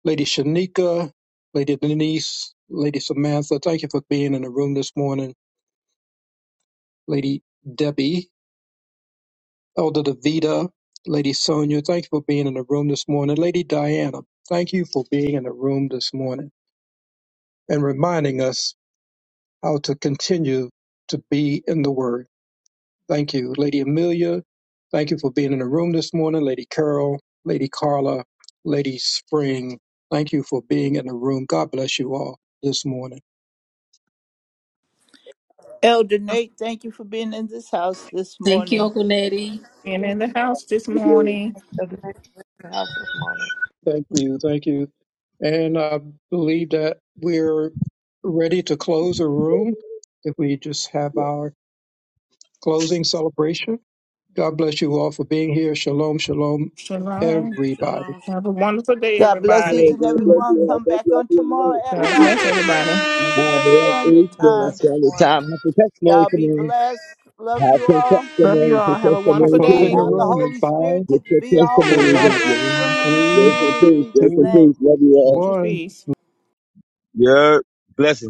Speaker 1: Lady Shanika, Lady Denise, Lady Samantha, thank you for being in the room this morning. Lady Debbie, Elder Davida, Lady Sonia, thank you for being in the room this morning. Lady Diana, thank you for being in the room this morning and reminding us how to continue to be in the Word. Thank you, Lady Amelia. Thank you for being in the room this morning, Lady Carol, Lady Carla, Lady Spring. Thank you for being in the room. God bless you all this morning.
Speaker 6: Elder Nate, thank you for being in this house this
Speaker 7: Thank you,
Speaker 6: morning.
Speaker 7: Uncle Nettie.
Speaker 12: And in the house this morning,
Speaker 1: Thank you, thank you. And I believe that we're ready to close the room if we just have our closing celebration. God bless you all for being here. Shalom, shalom,
Speaker 12: Shalom.
Speaker 1: everybody.
Speaker 10: Shalom.
Speaker 12: Have a wonderful day,
Speaker 6: God bless each
Speaker 5: Hey,
Speaker 12: everybody.
Speaker 6: and
Speaker 5: God
Speaker 6: every
Speaker 5: bless
Speaker 6: one.
Speaker 5: you all.
Speaker 6: Come
Speaker 5: Thank
Speaker 6: back
Speaker 5: you all
Speaker 6: on
Speaker 5: for your
Speaker 6: tomorrow
Speaker 5: help.
Speaker 6: at
Speaker 12: God
Speaker 5: Thank you.
Speaker 6: 5
Speaker 12: bless
Speaker 6: a.m.
Speaker 12: everybody.
Speaker 6: Eastern
Speaker 5: Um, we have
Speaker 6: Standard
Speaker 10: God
Speaker 5: Easter,
Speaker 10: bless
Speaker 6: Time.
Speaker 5: Saturday
Speaker 10: everyone.
Speaker 5: time. Have some testimony
Speaker 6: Y'all be
Speaker 5: tomorrow.
Speaker 6: blessed. Love you all.
Speaker 12: Love
Speaker 5: Tomorrow,
Speaker 12: you all.
Speaker 5: some
Speaker 12: Have a
Speaker 1: I
Speaker 12: wonderful
Speaker 5: testimony
Speaker 1: close in
Speaker 12: day.
Speaker 1: the
Speaker 6: Allow
Speaker 5: Tuesday.
Speaker 6: the
Speaker 1: room in
Speaker 6: Holy
Speaker 1: five,
Speaker 6: Spirit to
Speaker 5: Get your
Speaker 6: be always
Speaker 5: testimonies
Speaker 1: four,
Speaker 6: our
Speaker 5: up,
Speaker 6: best
Speaker 5: y'all.
Speaker 6: friend
Speaker 1: three,
Speaker 5: Grace and
Speaker 6: in
Speaker 5: peace. Grace
Speaker 6: Jesus'
Speaker 5: and
Speaker 1: two,
Speaker 6: name.
Speaker 5: peace. Love you all.
Speaker 1: one.
Speaker 12: Peace.
Speaker 5: Yeah. Blessings.